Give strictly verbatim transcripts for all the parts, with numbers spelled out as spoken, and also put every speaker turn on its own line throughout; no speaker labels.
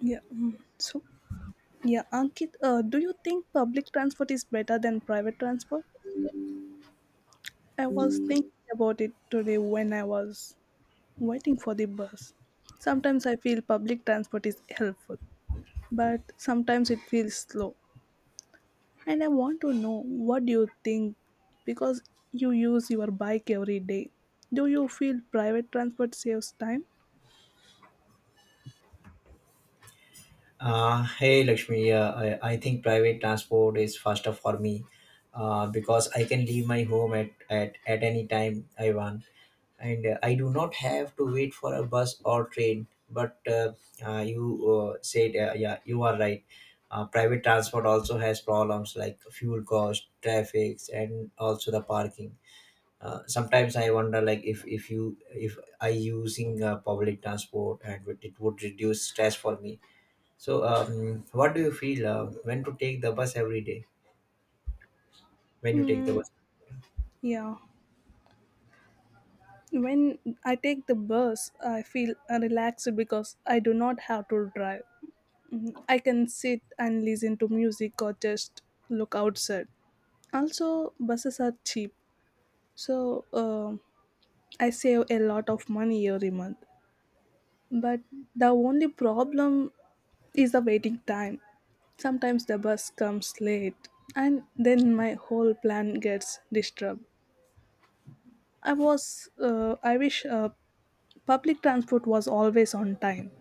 Yeah. mm. So, yeah, Ankit, uh, do you think public transport is better than private transport? I was thinking about it today when I was waiting for the bus. Sometimes I feel public transport is helpful, but sometimes it feels slow. And I want to know what do you think because you use your bike every day. Do you feel private transport saves time?
Uh, hey Lakshmi, uh, I, I think private transport is faster for me uh, because I can leave my home at, at, at any time I want and uh, I do not have to wait for a bus or train. But uh, uh, you uh, said, uh, yeah, you are right. Uh, private transport also has problems like fuel cost, traffic, and also the parking. Uh, sometimes I wonder, like, if, if you if I using uh, public transport and it would reduce stress for me so, um, what do you feel uh, when to take the bus every day? When you take the
Mm,
bus?
yeah. When I take the bus, I feel relaxed because I do not have to drive. Mm, I can sit and listen to music or just look outside. Also, buses are cheap, so uh, I save a lot of money every month. But the only problem is the waiting time. Sometimes the bus comes late, and then my whole plan gets disturbed. I was, uh, I wish uh, public transport was always on time.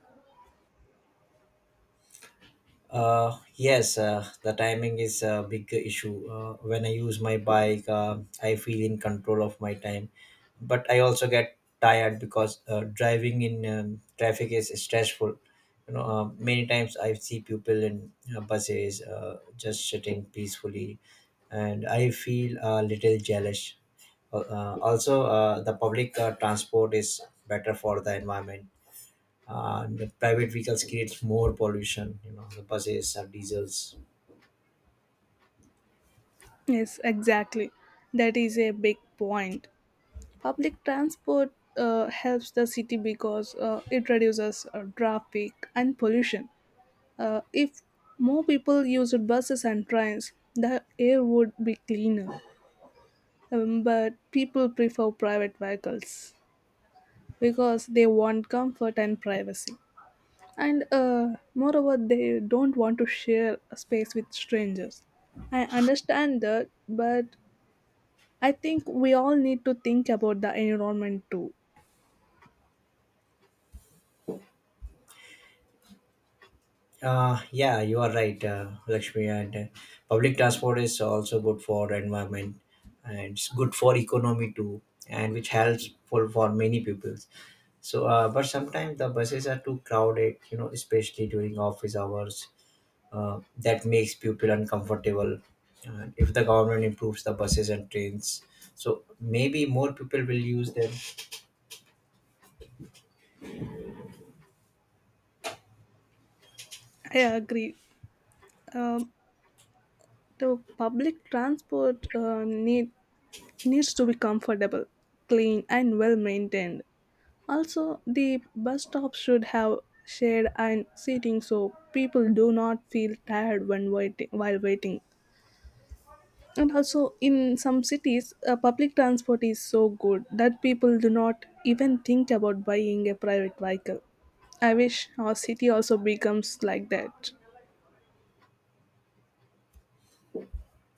Uh, yes, uh, the timing is a big issue. Uh, when I use my bike, uh, I feel in control of my time, but I also get tired because uh, driving in um, traffic is stressful. You know, uh, many times I see people in uh, buses uh, just sitting peacefully, and I feel a little jealous. Uh, also, uh, the public uh, transport is better for the environment. Uh, the private vehicles creates more pollution. You know, the buses or diesels.
Yes, exactly. That is a big point. Public transport uh, helps the city because uh, it reduces uh, traffic and pollution. Uh, if more people used buses and trains, the air would be cleaner. Um, but people prefer private vehicles because they want comfort and privacy. And uh, moreover, they don't want to share a space with strangers. I understand that, but I think we all need to think about the environment too.
Uh, yeah, you are right, uh, Lakshmi. And uh, public transport is also good for environment, and it's good for economy too, and which helps for, for many people. So, uh, but sometimes the buses are too crowded. You know, especially during office hours uh, that makes people uncomfortable. And if the government improves the buses and trains, so maybe more people will use them.
I agree. Um, the public transport uh, need needs to be comfortable, clean, and well maintained. Also, the bus stops should have shade and seating so people do not feel tired when waiting while waiting. And also in some cities uh, public transport is so good that people do not even think about buying a private vehicle. I wish our city also becomes like that.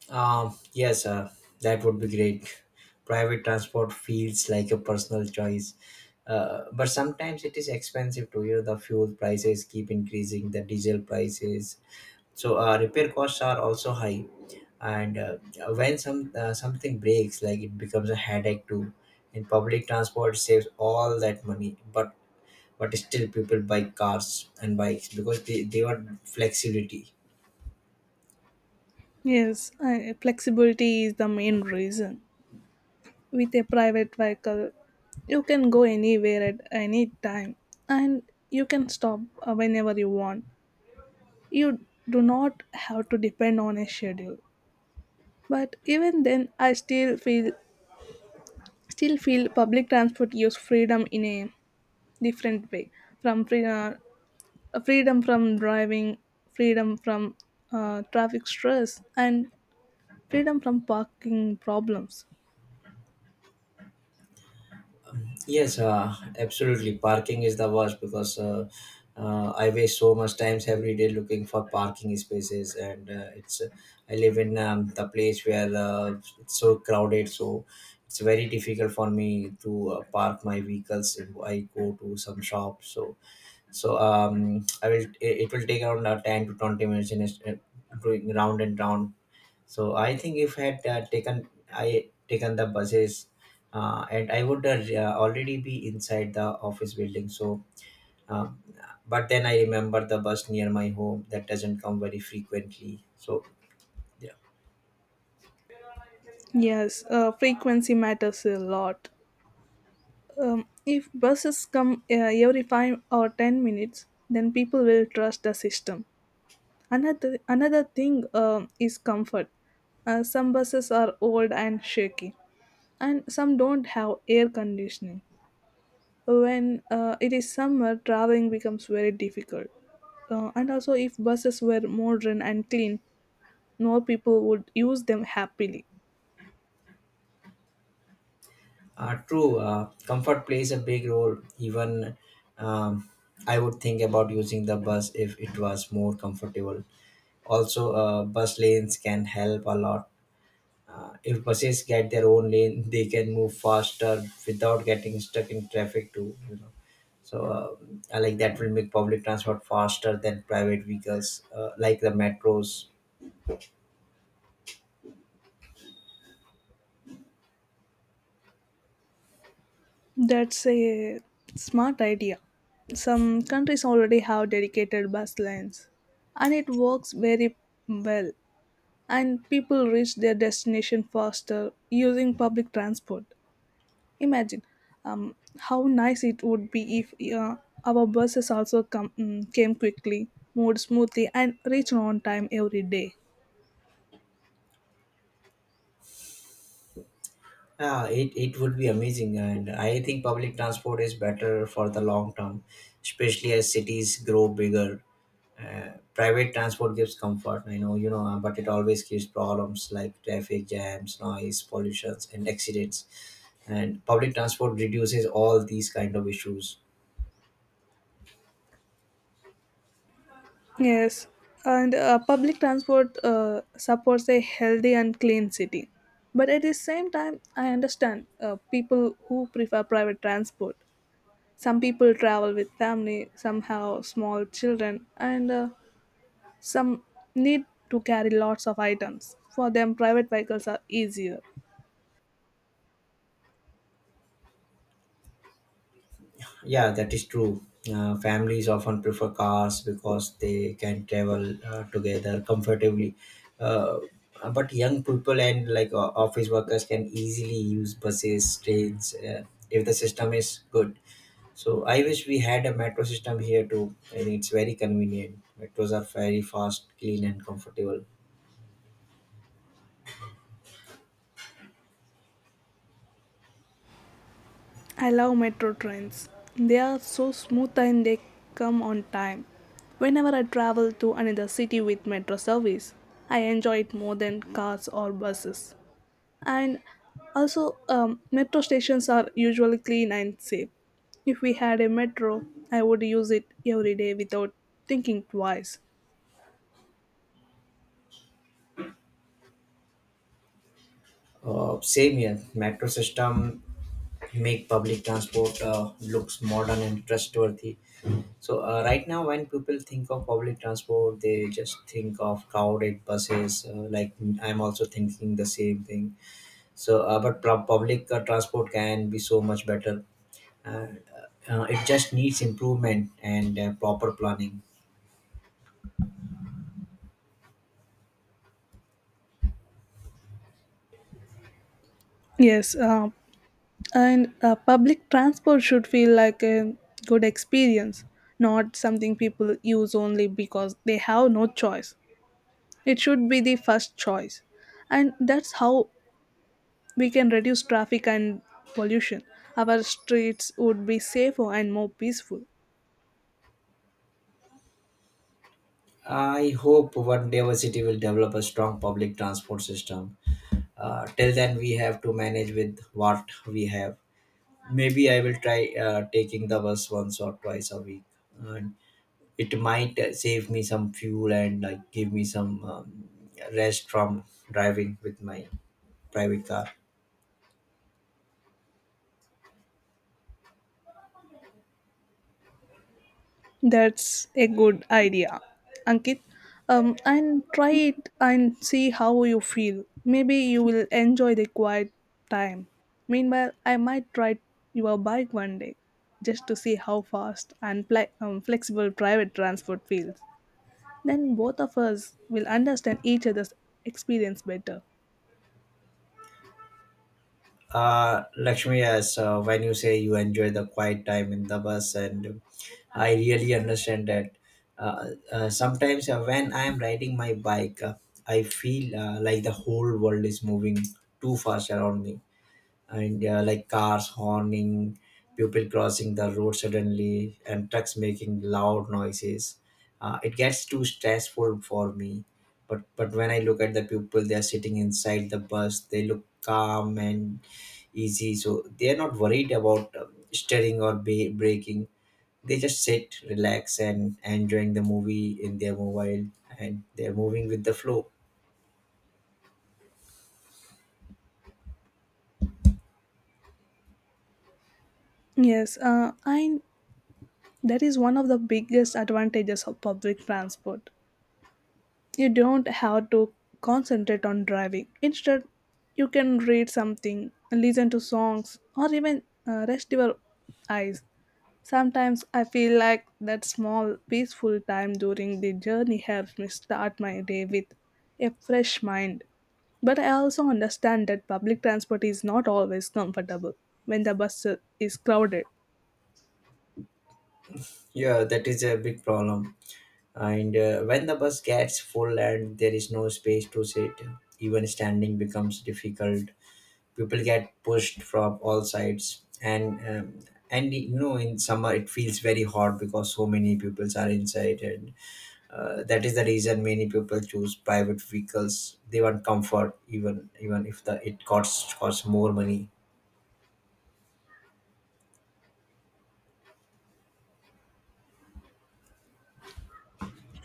Um, yes, uh, that would be great. Private transport feels like a personal choice, uh, but sometimes it is expensive to hear the fuel prices keep increasing, the diesel prices. So uh, repair costs are also high, and uh, when some uh, something breaks, like it becomes a headache too. In public transport, saves all that money, but but still people buy cars and bikes because they, they want flexibility.
Yes, uh, flexibility is the main reason. With a private vehicle, you can go anywhere at any time, and you can stop uh, whenever you want. You do not have to depend on a schedule. But even then I still feel still feel public transport gives freedom in a different way, from free, uh, freedom from driving, freedom from uh, traffic stress, and freedom from parking problems.
Yes, uh, absolutely, parking is the worst because uh, uh, I waste so much times every day looking for parking spaces and uh, it's uh, I live in um, the place where uh, it's so crowded so it's very difficult for me to uh, park my vehicles if I go to some shop, so so um i will it, it will take around uh, ten to twenty minutes in a, doing round and round. So I think if had uh, taken I taken the buses, uh, and I would uh, already be inside the office building. So, um, but then I remember the bus near my home that doesn't come very frequently. So, yeah.
Yes, uh, frequency matters a lot. Um, if buses come uh, every five or ten minutes, then people will trust the system. Another another thing um is comfort. Uh, some buses are old and shaky, and some don't have air conditioning. When uh, it is summer, traveling becomes very difficult. Uh, and also, if buses were modern and clean, more people would use them happily.
Uh, true. Uh, comfort plays a big role. Even um, I would think about using the bus if it was more comfortable. Also, uh, bus lanes can help a lot. Uh, if buses get their own lane, they can move faster without getting stuck in traffic too. You know, so uh, I like that will make public transport faster than private vehicles, uh, like the metros.
That's a smart idea. Some countries already have dedicated bus lines, and it works very well. And people reach their destination faster using public transport. Imagine um, how nice it would be if uh, our buses also come, mm, came quickly, moved smoothly, and reached on time every day.
Yeah, it, it would be amazing, and I think public transport is better for the long term, especially as cities grow bigger. Uh, private transport gives comfort, I know, you know, uh, but it always gives problems like traffic jams, noise, pollutions, and accidents. And public transport reduces all these kind of issues.
Yes, and uh, public transport uh, supports a healthy and clean city. But at the same time, I understand uh, people who prefer private transport. Some people travel with family, some have small children, and uh, some need to carry lots of items. For them, private vehicles are easier.
Yeah, that is true. Uh, families often prefer cars because they can travel uh, together comfortably. Uh, but young people and like uh, office workers can easily use buses, trains, uh, if the system is good. So I wish we had a metro system here too, and it's very convenient. Metros are very fast, clean, and comfortable.
I love metro trains. They are so smooth and they come on time. Whenever I travel to another city with metro service, I enjoy it more than cars or buses. And also, um, metro stations are usually clean and safe. If we had a metro, I would use it every day without thinking twice.
Uh, same here. Metro system make public transport uh, looks modern and trustworthy. So uh, right now, when people think of public transport, they just think of crowded buses. Uh, like, I'm also thinking the same thing. So, uh, but pub- public uh, transport can be so much better. And, uh, uh, it just needs improvement and uh, proper planning.
Yes, uh, and uh, public transport should feel like a good experience, not something people use only because they have no choice. It should be the first choice. And that's how we can reduce traffic and pollution. Our streets would be safer and more peaceful.
I hope one day our city will develop a strong public transport system. Uh, till then, we have to manage with what we have. Maybe I will try uh, taking the bus once or twice a week, and it might uh, save me some fuel and like give me some um, rest from driving with my private car.
That's a good idea, Ankit. Um, and try it and see how you feel. Maybe you will enjoy the quiet time. Meanwhile, I might try your bike one day just to see how fast and pla- um, flexible private transport feels. Then both of us will understand each other's experience better.
Uh, Lakshmi, yes, uh, when you say you enjoy the quiet time in the bus, and I really understand that. Uh, uh, sometimes uh, when I am riding my bike, uh, I feel uh, like the whole world is moving too fast around me and uh, like cars horning, people crossing the road suddenly, and trucks making loud noises. Uh, it gets too stressful for me. But but when I look at the people, they are sitting inside the bus. They look calm and easy, so they are not worried about um, steering or ba- braking. They just sit, relax, and enjoying the movie in their mobile, and they are moving with the flow.
Yes, uh, I that is one of the biggest advantages of public transport. You don't have to concentrate on driving. Instead, you can read something, listen to songs, or even uh, rest your eyes. Sometimes I feel like that small, peaceful time during the journey helps me start my day with a fresh mind. But I also understand that public transport is not always comfortable when the bus is crowded.
Yeah, that is a big problem, and uh, when the bus gets full and there is no space to sit, even standing becomes difficult. People get pushed from all sides, and um, and you know, in summer it feels very hot because so many people are inside, and uh, that is the reason many people choose private vehicles. They want comfort, even even if the it costs costs more money.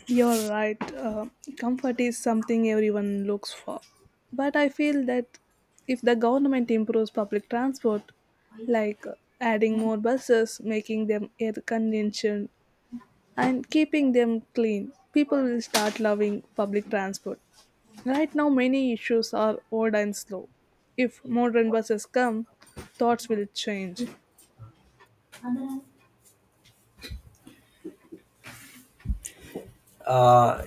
You're right, uh, comfort is something everyone looks for. But I feel that if the government improves public transport, like uh, adding more buses, making them air conditioned, and keeping them clean, people will start loving public transport. Right now, many issues are old and slow. If modern buses come, thoughts will change.
uh,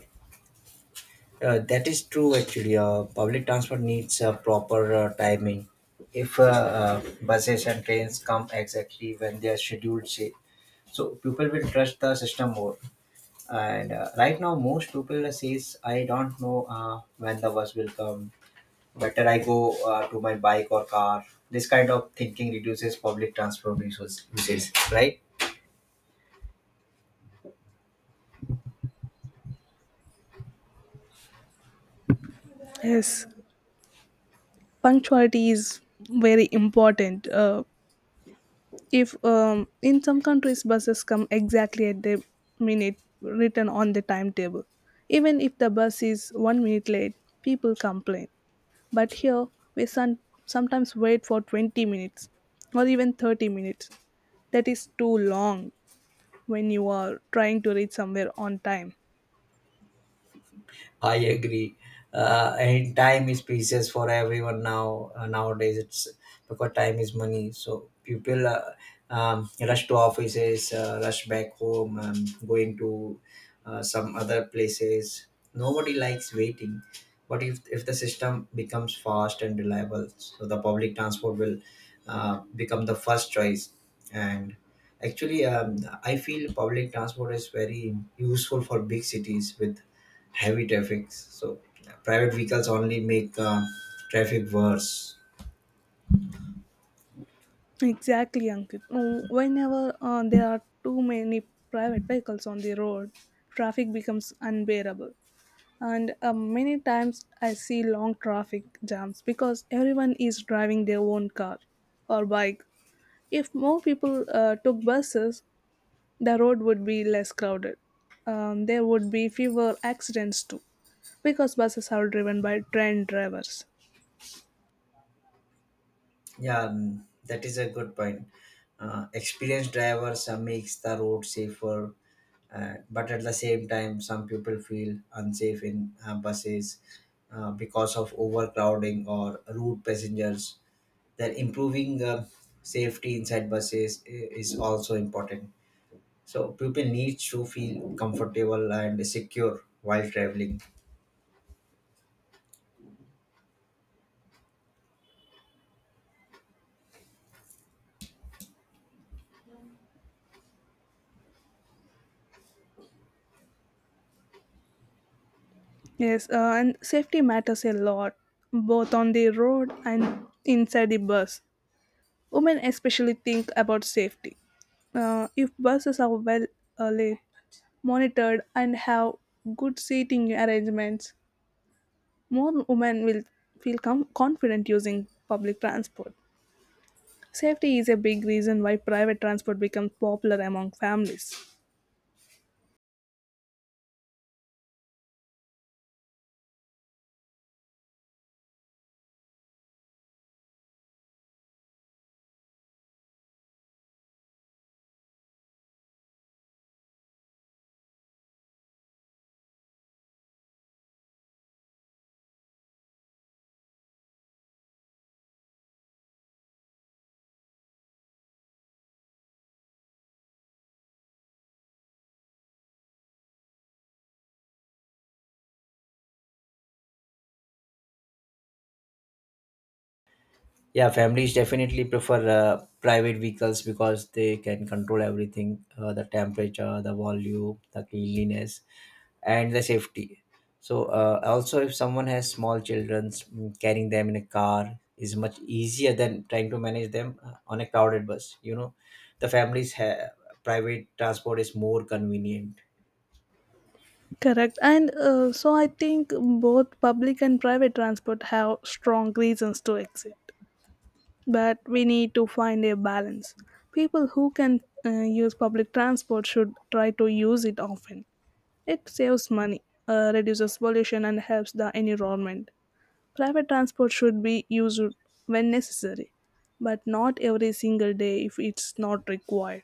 Uh, that is true actually. Uh, public transport needs uh, proper uh, timing. If uh, uh, buses and trains come exactly when they are scheduled, say, so people will trust the system more. And uh, right now, most people says, "I don't know uh, when the bus will come. Better I go uh, to my bike or car." This kind of thinking reduces public transport resources, right?
Yes, punctuality is very important. Uh, if um, in some countries buses come exactly at the minute written on the timetable, even if the bus is one minute late, people complain. But here, we son- sometimes wait for twenty minutes or even thirty minutes. That is too long when you are trying to reach somewhere on time.
I agree. Uh, and time is precious for everyone now. Uh, nowadays, it's because time is money. So people uh, um, rush to offices, uh, rush back home, um, going to uh, some other places. Nobody likes waiting. But if if the system becomes fast and reliable, so the public transport will uh, become the first choice. And actually, um, I feel public transport is very useful for big cities with heavy traffic. So yeah, private vehicles only make uh, traffic worse.
Exactly, Ankit. No, whenever uh, there are too many private vehicles on the road, traffic becomes unbearable. And uh, many times I see long traffic jams because everyone is driving their own car or bike. If more people uh, took buses, the road would be less crowded. Um, there would be fewer accidents too, because buses are driven by trained drivers.
Yeah, mm, that is a good point. Uh, experienced drivers uh, makes the road safer, uh, but at the same time, some people feel unsafe in uh, buses uh, because of overcrowding or rude passengers. That improving uh, safety inside buses i- is also important. So people need to feel comfortable and secure while traveling.
Yes, uh, and safety matters a lot, both on the road and inside the bus. Women especially think about safety. Uh, if buses are well uh, lit, monitored, and have good seating arrangements, more women will feel com- confident using public transport. Safety is a big reason why private transport becomes popular among families.
Yeah, families definitely prefer uh, private vehicles because they can control everything, uh, the temperature, the volume, the cleanliness, and the safety. So uh, also, if someone has small children, mm, carrying them in a car is much easier than trying to manage them uh, on a crowded bus. You know, the families have, private transport is more convenient.
Correct. And uh, so I think both public and private transport have strong reasons to exit. But we need to find a balance. People who can uh, use public transport should try to use it often. It saves money, uh, reduces pollution, and helps the environment. Private transport should be used when necessary, but not every single day if it's not required.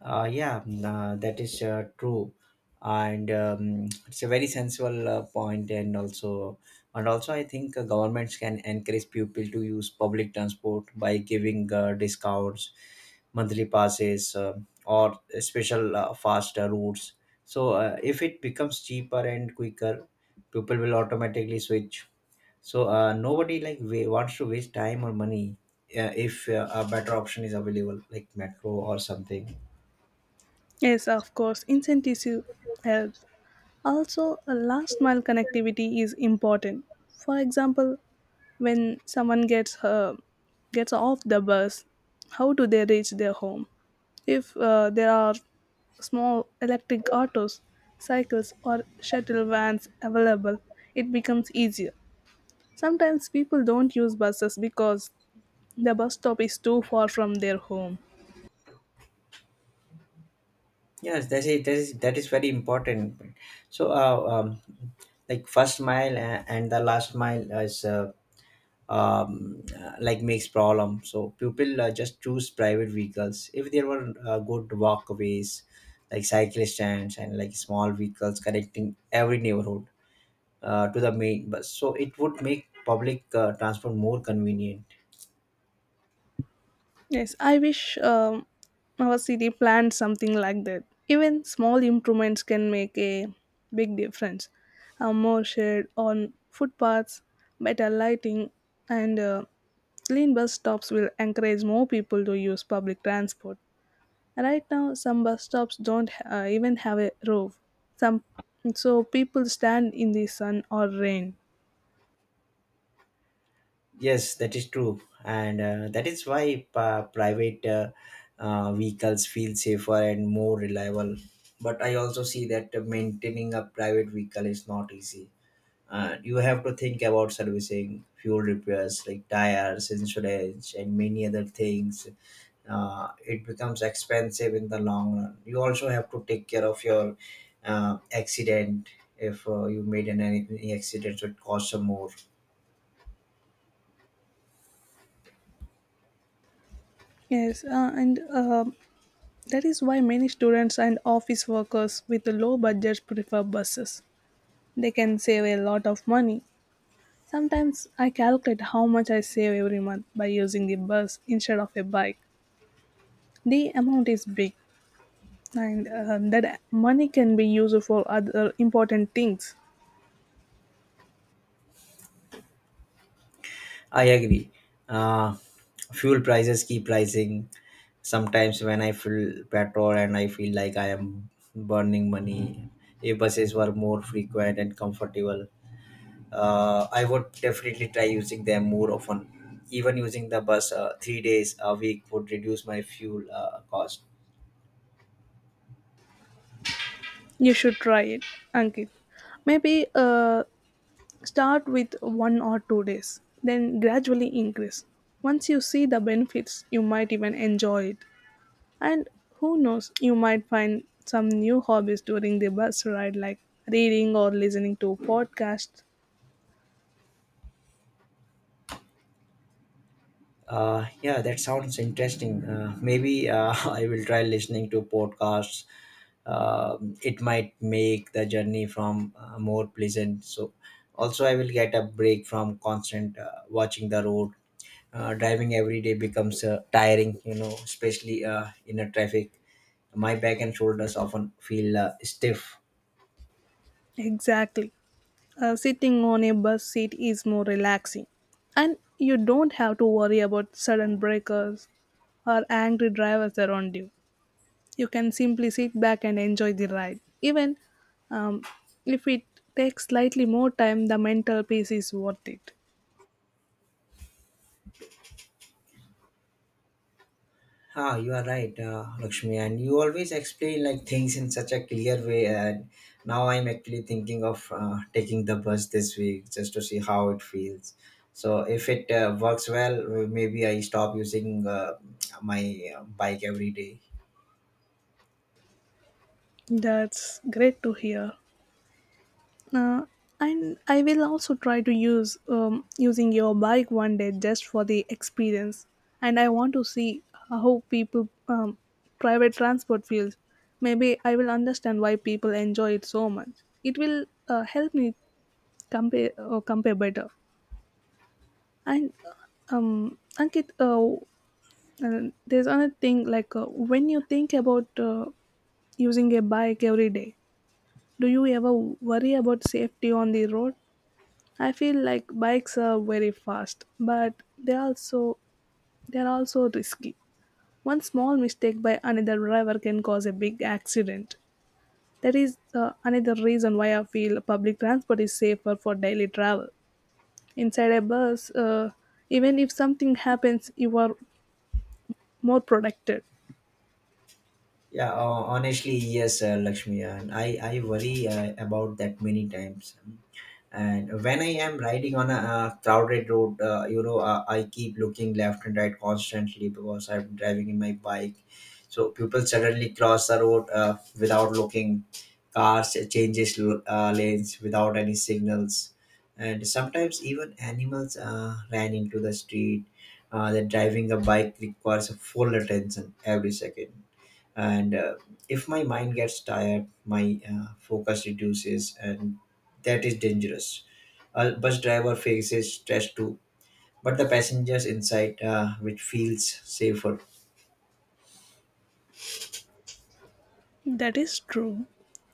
Uh, yeah, mm, uh, that is uh, true, and um, it's a very sensible uh, point, and also, and also, I think uh, governments can encourage people to use public transport by giving uh, discounts, monthly passes, uh, or special uh, faster routes. So, uh, if it becomes cheaper and quicker, people will automatically switch. So, uh, nobody like wa- wants to waste time or money uh, if uh, a better option is available, like metro or something.
Yes, of course, incentive help. Also, a last mile connectivity is important. For example, when someone gets uh, gets off the bus, how do they reach their home? If uh, there are small electric autos, cycles, or shuttle vans available, it becomes easier. Sometimes people don't use buses because the bus stop is too far from their home.
Yes, that is that is that is very important. So, uh, um, like, first mile a- and the last mile is uh, um, uh, like, makes problem. So people uh, just choose private vehicles. If there were uh, good walkways, like cycle stands and like small vehicles connecting every neighborhood uh, to the main bus, so it would make public uh, transport more convenient.
Yes, I wish um, our city planned something like that. Even small improvements can make a big difference. A more shade on footpaths, better lighting, and uh, clean bus stops will encourage more people to use public transport. Right now, some bus stops don't uh, even have a roof. Some so people stand in the sun or rain.
Yes, that is true, and uh, that is why uh, private uh, uh, vehicles feel safer and more reliable. But I also see that uh, maintaining a private vehicle is not easy. Uh, you have to think about servicing, fuel repairs like tires, insurance, and many other things. Uh, it becomes expensive in the long run. You also have to take care of your uh, accident. If uh, you made an any accident, so it costs some more.
Yes, uh, and uh, that is why many students and office workers with low budgets prefer buses. They can save a lot of money. Sometimes I calculate how much I save every month by using the bus instead of a bike. The amount is big, and um, that money can be used for other important things.
I agree. Uh, Fuel prices keep rising. Sometimes when I fill petrol and I feel like I am burning money, if buses were more frequent and comfortable, uh, I would definitely try using them more often. Even using the bus uh, three days a week would reduce my fuel uh, cost.
You should try it, Ankit. Maybe uh, start with one or two days, then gradually increase. Once you see the benefits, you might even enjoy it. And who knows, you might find some new hobbies during the bus ride, like reading or listening to podcasts.
Uh, yeah, that sounds interesting. Uh, maybe uh, I will try listening to podcasts. Um, it might make the journey from uh, more pleasant. So also I will get a break from constant uh, watching the road. Uh, driving every day becomes uh, tiring, you know, especially uh, in a traffic. My back and shoulders often feel uh, stiff.
Exactly. Uh, sitting on a bus seat is more relaxing. And you don't have to worry about sudden breakers or angry drivers around you. You can simply sit back and enjoy the ride. Even um, if it takes slightly more time, the mental peace is worth it.
Ah, you are right, uh, Lakshmi, and you always explain like things in such a clear way. And now I'm actually thinking of uh, taking the bus this week just to see how it feels. So if it uh, works well, maybe I stop using uh, my uh, bike every day.
That's great to hear. Uh, and I will also try to use um, using your bike one day just for the experience. And I want to see how people um, private transport feels. Maybe I will understand why people enjoy it so much. It will uh, help me compare uh, compare better. And uh, um, Ankit, uh, uh, there's another thing like uh, when you think about uh, using a bike every day, do you ever worry about safety on the road? I feel like bikes are very fast, but they also they are also risky. One small mistake by another driver can cause a big accident. That is uh, another reason why I feel public transport is safer for daily travel. Inside a bus, uh, even if something happens, you are more protected.
Yeah, uh, honestly, yes, uh, Lakshmi, and I I worry uh, about that many times. And when I am riding on a, uh crowded road, uh, you know uh, I keep looking left and right constantly because I'm driving in my bike. So people suddenly cross the road uh, without looking. Cars changes uh, lanes without any signals, and sometimes even animals uh, ran into the street. Uh, that driving a bike requires a full attention every second. And uh, if my mind gets tired, my uh, focus reduces, and that is dangerous. A bus driver faces stress too, but the passengers inside, uh, which feels safer.
That is true.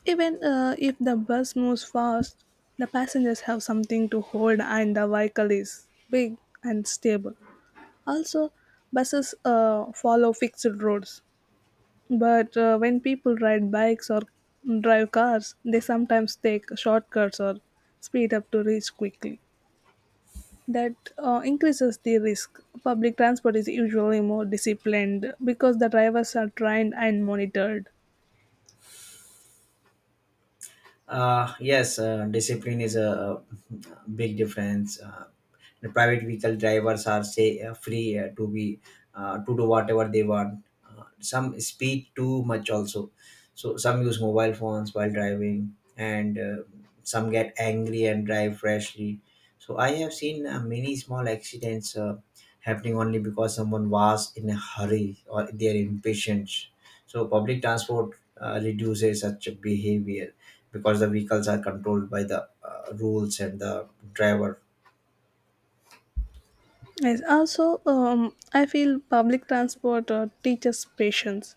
Even uh, if the bus moves fast, the passengers have something to hold and the vehicle is big and stable. Also, buses uh, follow fixed roads, but uh, when people ride bikes or drive cars, they sometimes take shortcuts or speed up to reach quickly. That uh, increases the risk. Public transport is usually more disciplined because the drivers are trained and monitored.
uh, Yes, uh, discipline is a, a big difference uh, The private vehicle drivers are say uh, free uh, to be uh, to do whatever they want. Uh, some speak too much also, so some use mobile phones while driving, and uh, some get angry and drive rashly. So I have seen uh, many small accidents uh, happening only because someone was in a hurry or they are impatient. So public transport uh, reduces such behavior because the vehicles are controlled by the uh, rules and the driver.
Yes, also, um, I feel public transport uh, teaches patience.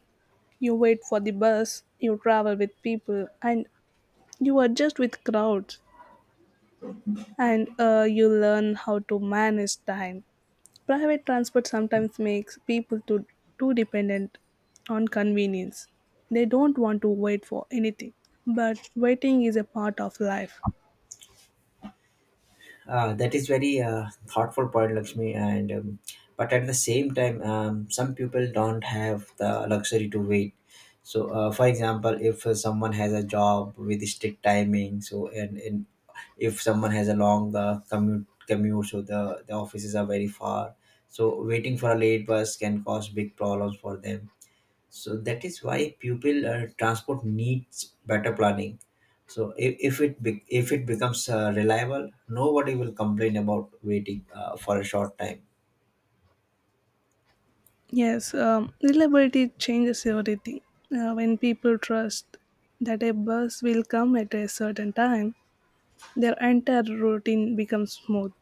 You wait for the bus, you travel with people, and you adjust with crowds. And uh, you learn how to manage time. Private transport sometimes makes people too, too dependent on convenience. They don't want to wait for anything, but waiting is a part of life.
Uh, that is very uh, thoughtful point, Lakshmi. And um, but at the same time, um, some people don't have the luxury to wait. So, uh, for example, if uh, someone has a job with strict timing, so and, and if someone has a long uh, commute commute so the the offices are very far. So waiting for a late bus can cause big problems for them. So that is why pupil uh, transport needs better planning. So if, if it be, if it becomes uh, reliable, nobody will complain about waiting uh, for a short time.
Yes, um, reliability changes everything. Uh, when people trust that a bus will come at a certain time, their entire routine becomes smooth.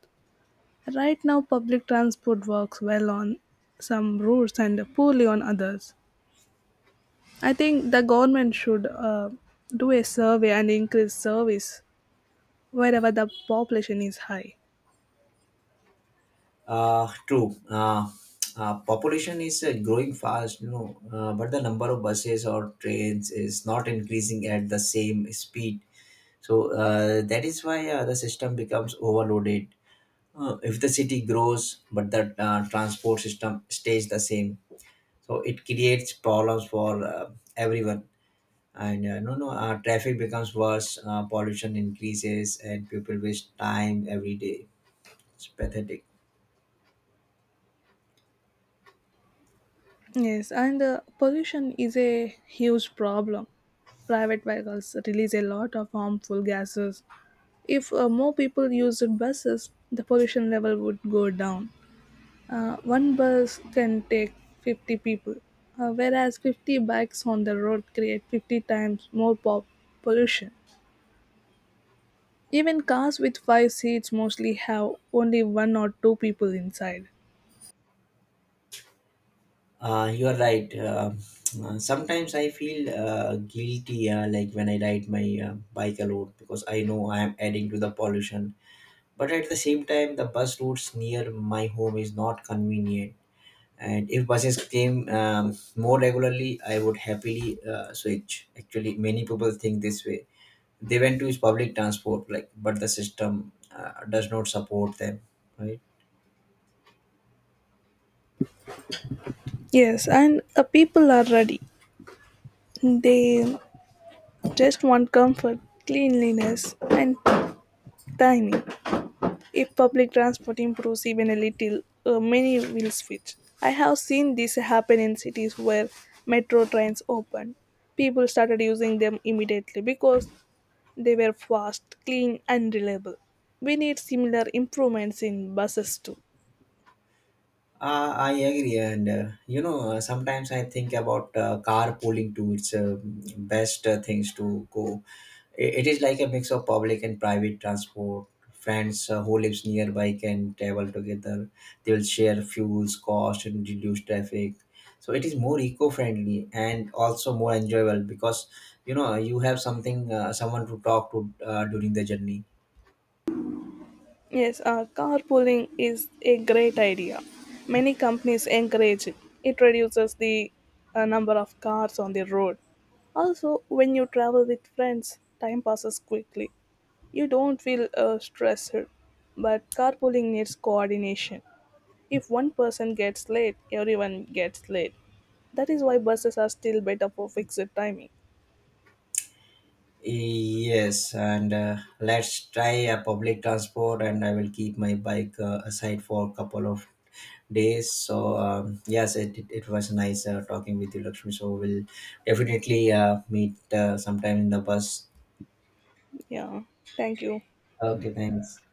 Right now, public transport works well on some routes and poorly on others. I think the government should uh, do a survey and increase service wherever the population is high.
uh, True. Uh, uh, population is uh, growing fast, you know, uh, but the number of buses or trains is not increasing at the same speed. So uh, that is why uh, the system becomes overloaded. Uh, if the city grows but the uh, transport system stays the same, so it creates problems for uh, everyone. And uh, no no uh, traffic becomes worse, uh, pollution increases, and people waste time every day. It's pathetic.
Yes, and uh, pollution is a huge problem. Private vehicles release a lot of harmful gases. If uh, more people used buses, the pollution level would go down. Uh, one bus can take fifty people, uh, whereas fifty bikes on the road create fifty times more pop- pollution. Even cars with five seats mostly have only one or two people inside.
Uh, you are right. Uh, uh, sometimes I feel uh, guilty, uh, like when I ride my uh, bike alone, because I know I am adding to the pollution. But at the same time, the bus routes near my home is not convenient. And if buses came um, more regularly, I would happily uh, switch. Actually, many people think this way. They went to public transport like, but the system uh, does not support them, right?
Yes, and the people are ready. They just want comfort, cleanliness, and timing. If public transport improves even a little, uh, many will switch. I have seen this happen in cities where metro trains opened. People started using them immediately because they were fast, clean, and reliable. We need similar improvements in buses too.
uh, I agree, and uh, you know uh, sometimes I think about uh, carpooling too. It's uh, best uh, things to go. I- It is like a mix of public and private transport. Friends uh, who lives nearby can travel together. They will share fuels, cost, and reduce traffic. So it is more eco-friendly and also more enjoyable because, you know, you have something, uh, someone to talk to uh, during the journey.
Yes, uh, carpooling is a great idea. Many companies encourage it. It reduces the uh, number of cars on the road. Also, when you travel with friends, time passes quickly. You don't feel uh, stressed. But carpooling needs coordination. If one person gets late, everyone gets late. That is why buses are still better for fixed timing.
Yes, and uh, let's try a public transport, and I will keep my bike uh, aside for a couple of days. So um, yes, it, it, it was nice uh, talking with you, Lakshmi. So we'll definitely uh, meet uh, sometime in the bus.
Yeah, thank you.
Okay, thanks.